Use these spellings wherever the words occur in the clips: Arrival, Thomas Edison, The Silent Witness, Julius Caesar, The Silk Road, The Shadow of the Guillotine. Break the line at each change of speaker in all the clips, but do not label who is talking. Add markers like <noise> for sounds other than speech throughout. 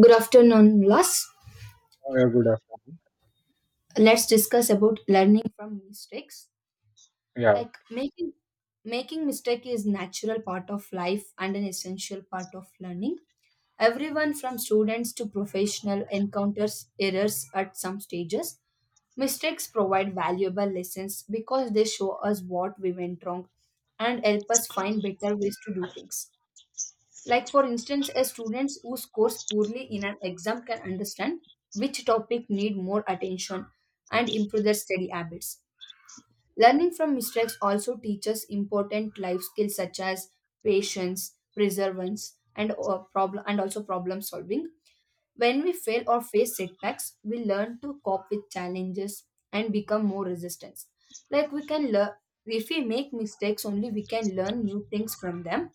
Good afternoon, Las.
Oh, yeah, good afternoon.
Let's discuss about learning from mistakes.
Yeah,
Like making mistake is natural part of life and an essential part of learning. Everyone from students to professional encounters errors at some stages. Mistakes provide valuable lessons because they show us what we went wrong and help us find better ways to do things. Like, for instance, a student who scores poorly in an exam can understand which topic need more attention and improve their study habits. Learning from mistakes also teaches important life skills such as patience, perseverance, and problem and also problem solving. When we fail or face setbacks, we learn to cope with challenges and become more resistant. Like we can learn if we make mistakes only we can learn new things from them,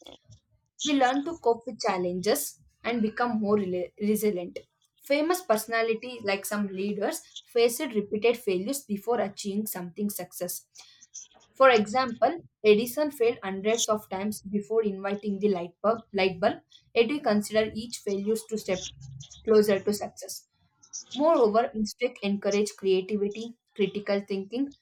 we learn to cope with challenges and become more resilient. Famous personalities like some leaders faced repeated failures before achieving something success. For example, Edison failed hundreds of times before inviting the light bulb, yet we consider each failure to step closer to success. Moreover, mistakes encourage creativity, critical thinking,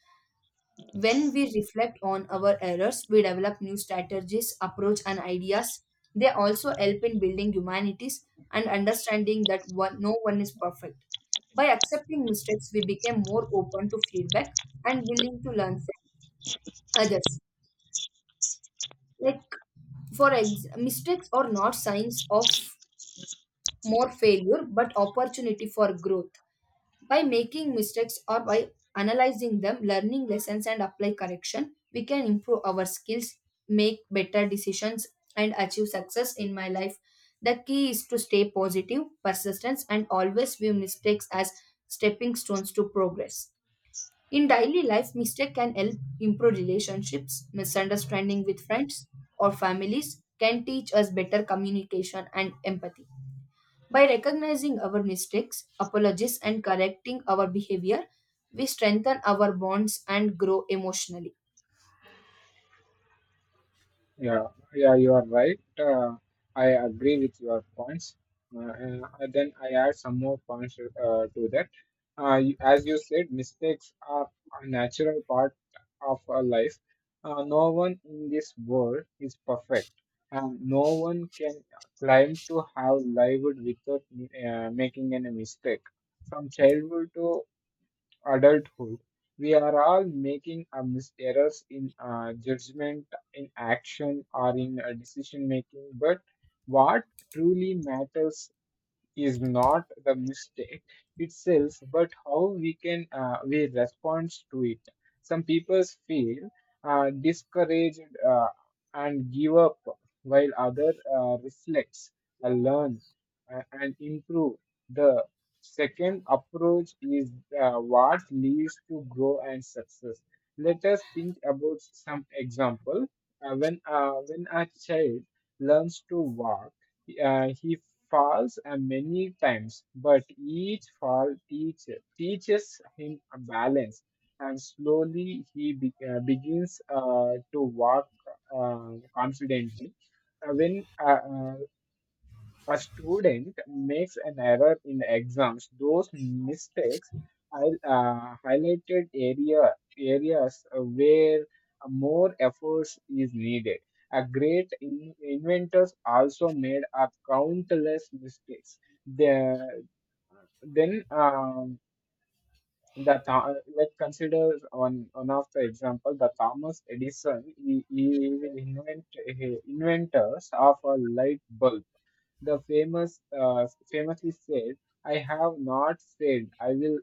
when we reflect on our errors, we develop new strategies, approach, and ideas. They also help in building humanities and understanding that no one is perfect. By accepting mistakes, we became more open to feedback and willing to learn from others. Like Mistakes are not signs of more failure but opportunity for growth. By making mistakes or by analyzing them, learning lessons, and apply correction, we can improve our skills, make better decisions, and achieve success in my life. The key is to stay positive, persistence, and always view mistakes as stepping stones to progress. In daily life, mistake can help improve relationships, misunderstanding with friends or families can teach us better communication and empathy. By recognizing our mistakes, apologies, and correcting our behavior, we strengthen our bonds and grow emotionally.
yeah, yeah, you are right. I agree with your points. And then I add some more points to that. As you said, mistakes are a natural part of our life. No one in this world is perfect, and no one can claim to have lived without making any mistake. From childhood to adulthood, we are all making errors in judgment, in action, or in decision making. But what truly matters is not the mistake itself, but how we respond to it. Some people feel discouraged uh, and give up, while other reflects, learn, and improve. The second approach is what leads to grow and success. Let us think about some example. When a child learns to walk he falls many times, but teaches him a balance, and slowly he begins to walk confidently. When a student makes an error in exams, those mistakes I highlighted areas where more efforts is needed. A great inventors also made a countless mistakes. The, then the Tho- Let's consider one of the example the Thomas Edison. He will inventors of a light bulb the famously said, "I have not said I will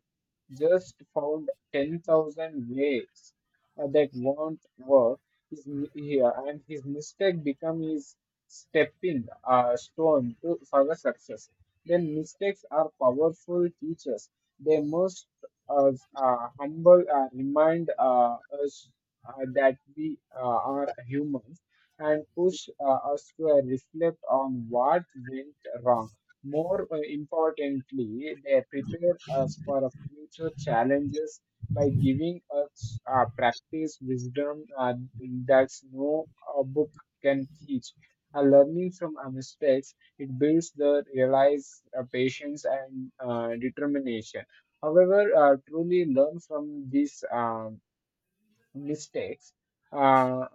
just found 10,000 ways that won't work here, and his mistake become his stepping stone to further success. Then mistakes are powerful teachers. They must humble remind us that we are humans and push us to reflect on what went wrong. More importantly, they prepare us for our future challenges by giving us practice wisdom that's no book can teach. Learning from our mistakes, it builds the realize patience and determination. However, truly learn from this mistakes, uh,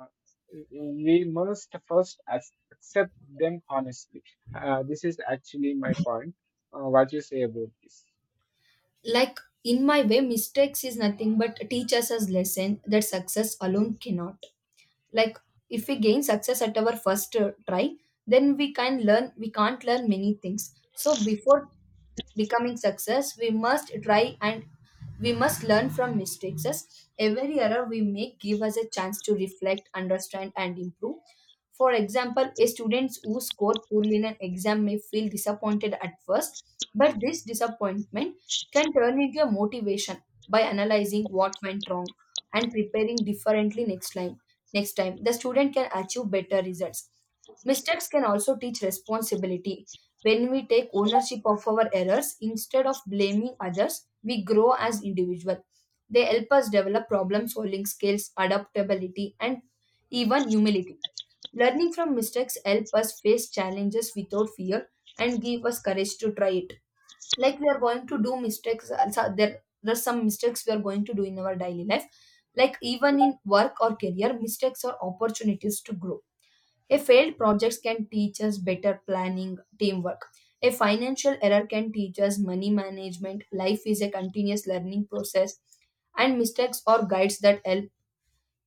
we must first accept them honestly. This is actually my point. What you say about this?
Like in my way, mistakes is nothing but teach us as lesson that success alone cannot. Like if we gain success at our first try, then we can learn we can't learn many things, so before becoming success we must try and we must learn from mistakes. Yes, every error we make give us a chance to reflect, understand, and improve. For example, a student who score poorly in an exam may feel disappointed at first, but this disappointment can turn into a motivation by analyzing what went wrong and preparing differently next time. Next time, the student can achieve better results. Mistakes can also teach responsibility. When we take ownership of our errors instead of blaming others, we grow as individuals. They help us develop problem solving skills, adaptability, and even humility. Learning from mistakes help us face challenges without fear and give us courage to try it. Like we are going to do mistakes, so there's some mistakes we are going to do in our daily life. Like even in work or career, mistakes are opportunities to grow. A failed project can teach us better planning, teamwork. A financial error can teach us money management. Life is a continuous learning process and mistakes are guides that help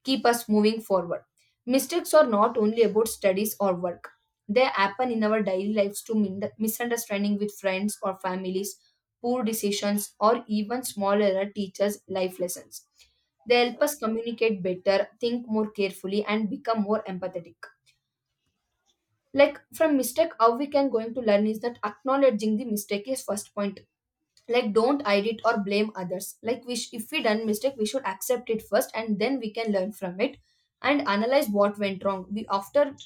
keep us moving forward. Mistakes are not only about studies or work. They happen in our daily lives to misunderstanding with friends or families, poor decisions, or even small error teachers' life lessons. They help us communicate better, think more carefully, and become more empathetic. Like from mistake, how we can going to learn is that acknowledging the mistake is first point. Like don't edit or blame others. Like if we done mistake we should accept it first and then we can learn from it and analyze what went wrong. We after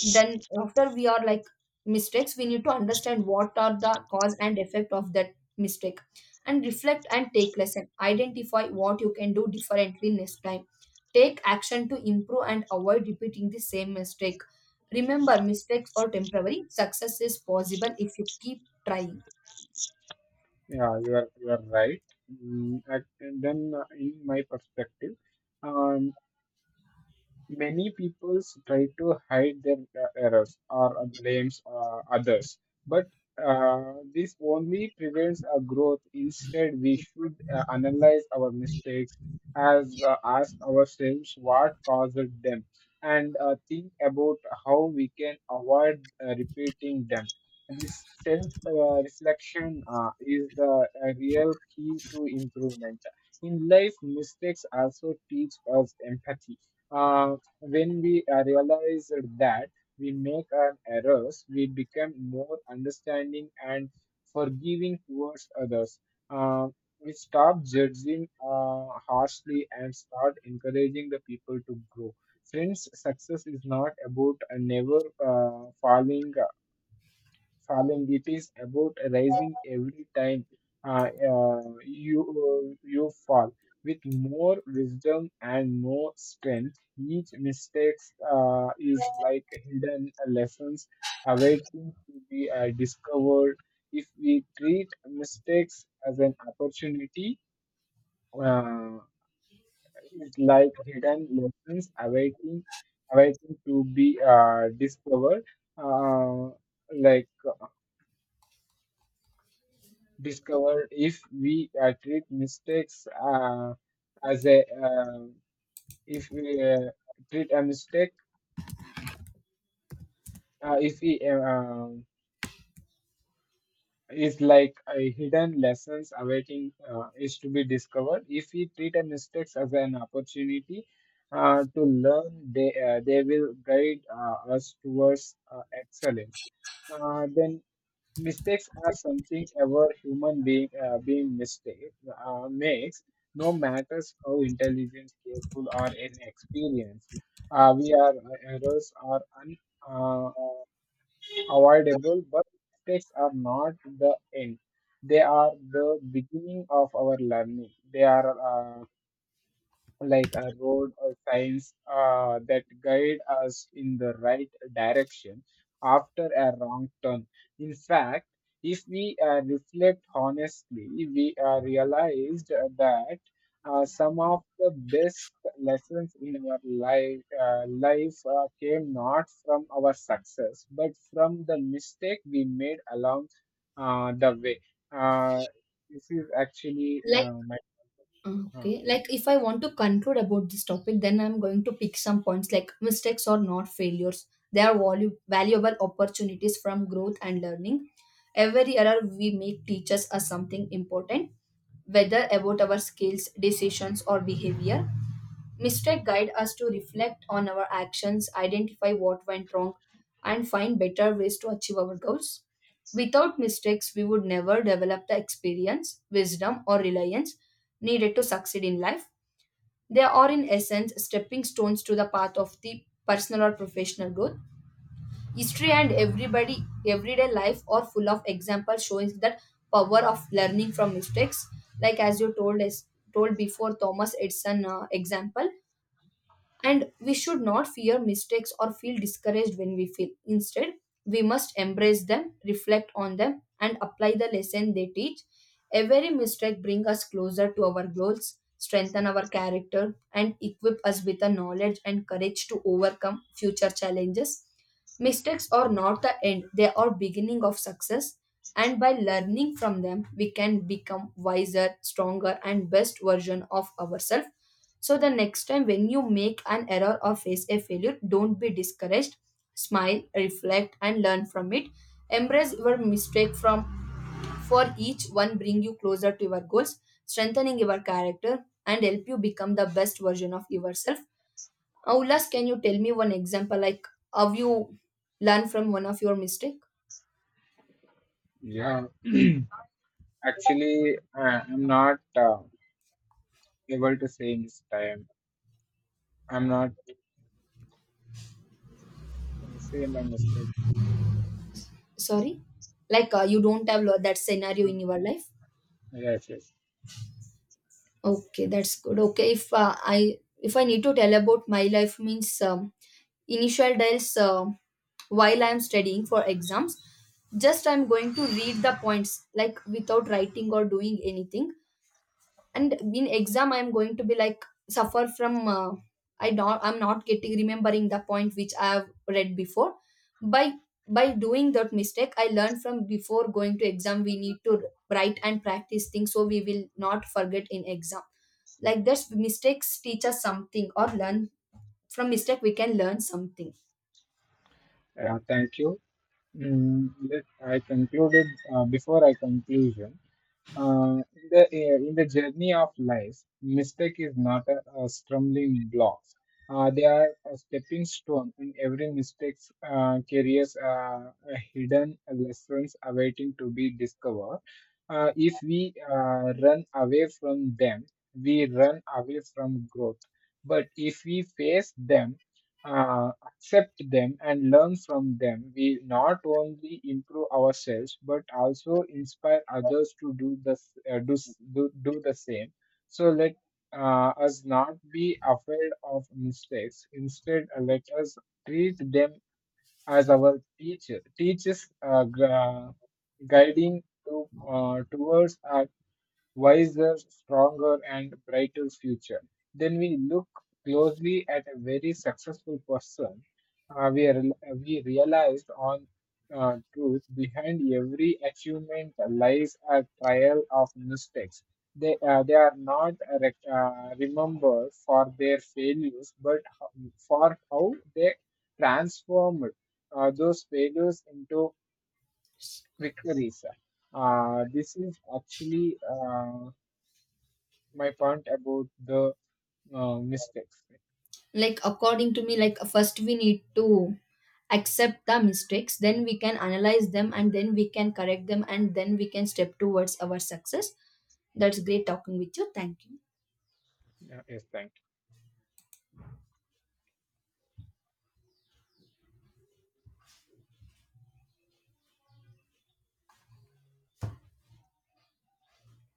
then after we are like Mistakes, we need to understand what are the cause and effect of that mistake and reflect and take lesson, identify what you can do differently next time, take action to improve and avoid repeating the same mistake. Remember, mistakes are temporary, success is possible if you keep trying.
Yeah, you are right. And then in my perspective. um, Many people try to hide their errors or blames others, but this only prevents our growth. Instead, we should analyze our mistakes as ask ourselves what caused them and think about how we can avoid repeating them. This self reflection is the real key to improvement. In life, mistakes also teach us empathy. Uh, when we realize that we make our errors, we become more understanding and forgiving towards others. Uh, we stop judging harshly and start encouraging the people to grow. Friends, success is not about never falling Salem, it is about rising every time you fall with more wisdom and more strength. Each mistake is like hidden lessons awaiting to be discovered. If we treat mistakes as an opportunity, uh, it's like hidden lessons awaiting to be discovered. Uh, like discovered if we treat mistakes as a if we treat a mistake if we is like a hidden lessons awaiting is to be discovered if we treat a mistakes as an opportunity to learn they will guide us towards excellence. Then Mistakes are something every human being being mistake makes, no matters how intelligent, careful, or inexperienced. We are Errors are avoidable, but mistakes are not the end. They are the beginning of our learning. They are like a road or signs that guide us in the right direction after a wrong turn. In fact, if we reflect honestly, we realized that some of the best lessons in our life, came not from our success, but from the mistake we made along the way. Uh, this is actually my uh,
Okay, like if I want to conclude about this topic, then I'm going to pick some points like mistakes are not failures. They are valuable opportunities from growth and learning. Every error we make teaches us something important, whether about our skills, decisions, or behavior. Mistakes guide us to reflect on our actions, identify what went wrong, and find better ways to achieve our goals. Without mistakes, we would never develop the experience, wisdom, or reliance needed to succeed in life. They are, in essence, stepping stones to the path of the personal or professional growth. History and everyday life are full of examples showing that power of learning from mistakes. Like as you told before, Thomas Edison example. And we should not fear mistakes or feel discouraged when we fail. Instead, we must embrace them, reflect on them, and apply the lesson they teach. Every mistake brings us closer to our goals, strengthen our character, and equip us with the knowledge and courage to overcome future challenges. Mistakes are not the end, they are beginning of success. And by learning from them, we can become wiser, stronger, and best version of ourselves. So the next time when you make an error or face a failure, don't be discouraged. Smile, reflect, and learn from it. Embrace your mistake, from for each one bring you closer to your goals, strengthening your character and help you become the best version of yourself. Aulas, can you tell me one example like how you learn from one of your mistake?
yeah. <clears throat> Actually, I'm not able to say this time. I'm not say my mistakes.
Sorry, like you don't have that scenario in
No.
your life.
Yes, yes.
Okay, that's good. Okay, if I if I need to tell about my life means. Initial days, while I'm studying for exams, just I'm going to read the points like without writing or doing anything, and in exam I'm going to be like suffer from I'm not getting remembering the point which I have read before. By doing that mistake, I learned from before going to exam, we need to write and practice things so we will not forget in exam. Like this mistakes teach us something, or learn from mistake we can learn something.
Thank you. Let I concluded before I conclusion. In the journey of life, mistake is not a stumbling block. They are a stepping stone, and every mistake carries a hidden lessons awaiting to be discovered. If we run away from them, we run away from growth. But if we face them, accept them and learn from them, we not only improve ourselves but also inspire others to do the s- do, s- do do the same. So let us not be afraid of mistakes. Instead, let us treat them as our teachers guiding to towards our wiser, stronger, and brighter future. Then we look closely at a very successful person. Uh, we, are, we realized on truth behind every achievement lies a trial of mistakes. They are not remembered for their failures, but for how they transformed those failures into victories. This is actually My point about the mistakes.
Like according to me, like first we need to accept the mistakes, then we can analyze them, and then we can correct them, and then we can step towards our success. That's great talking with you, thank you.
Yeah, yes, thank you.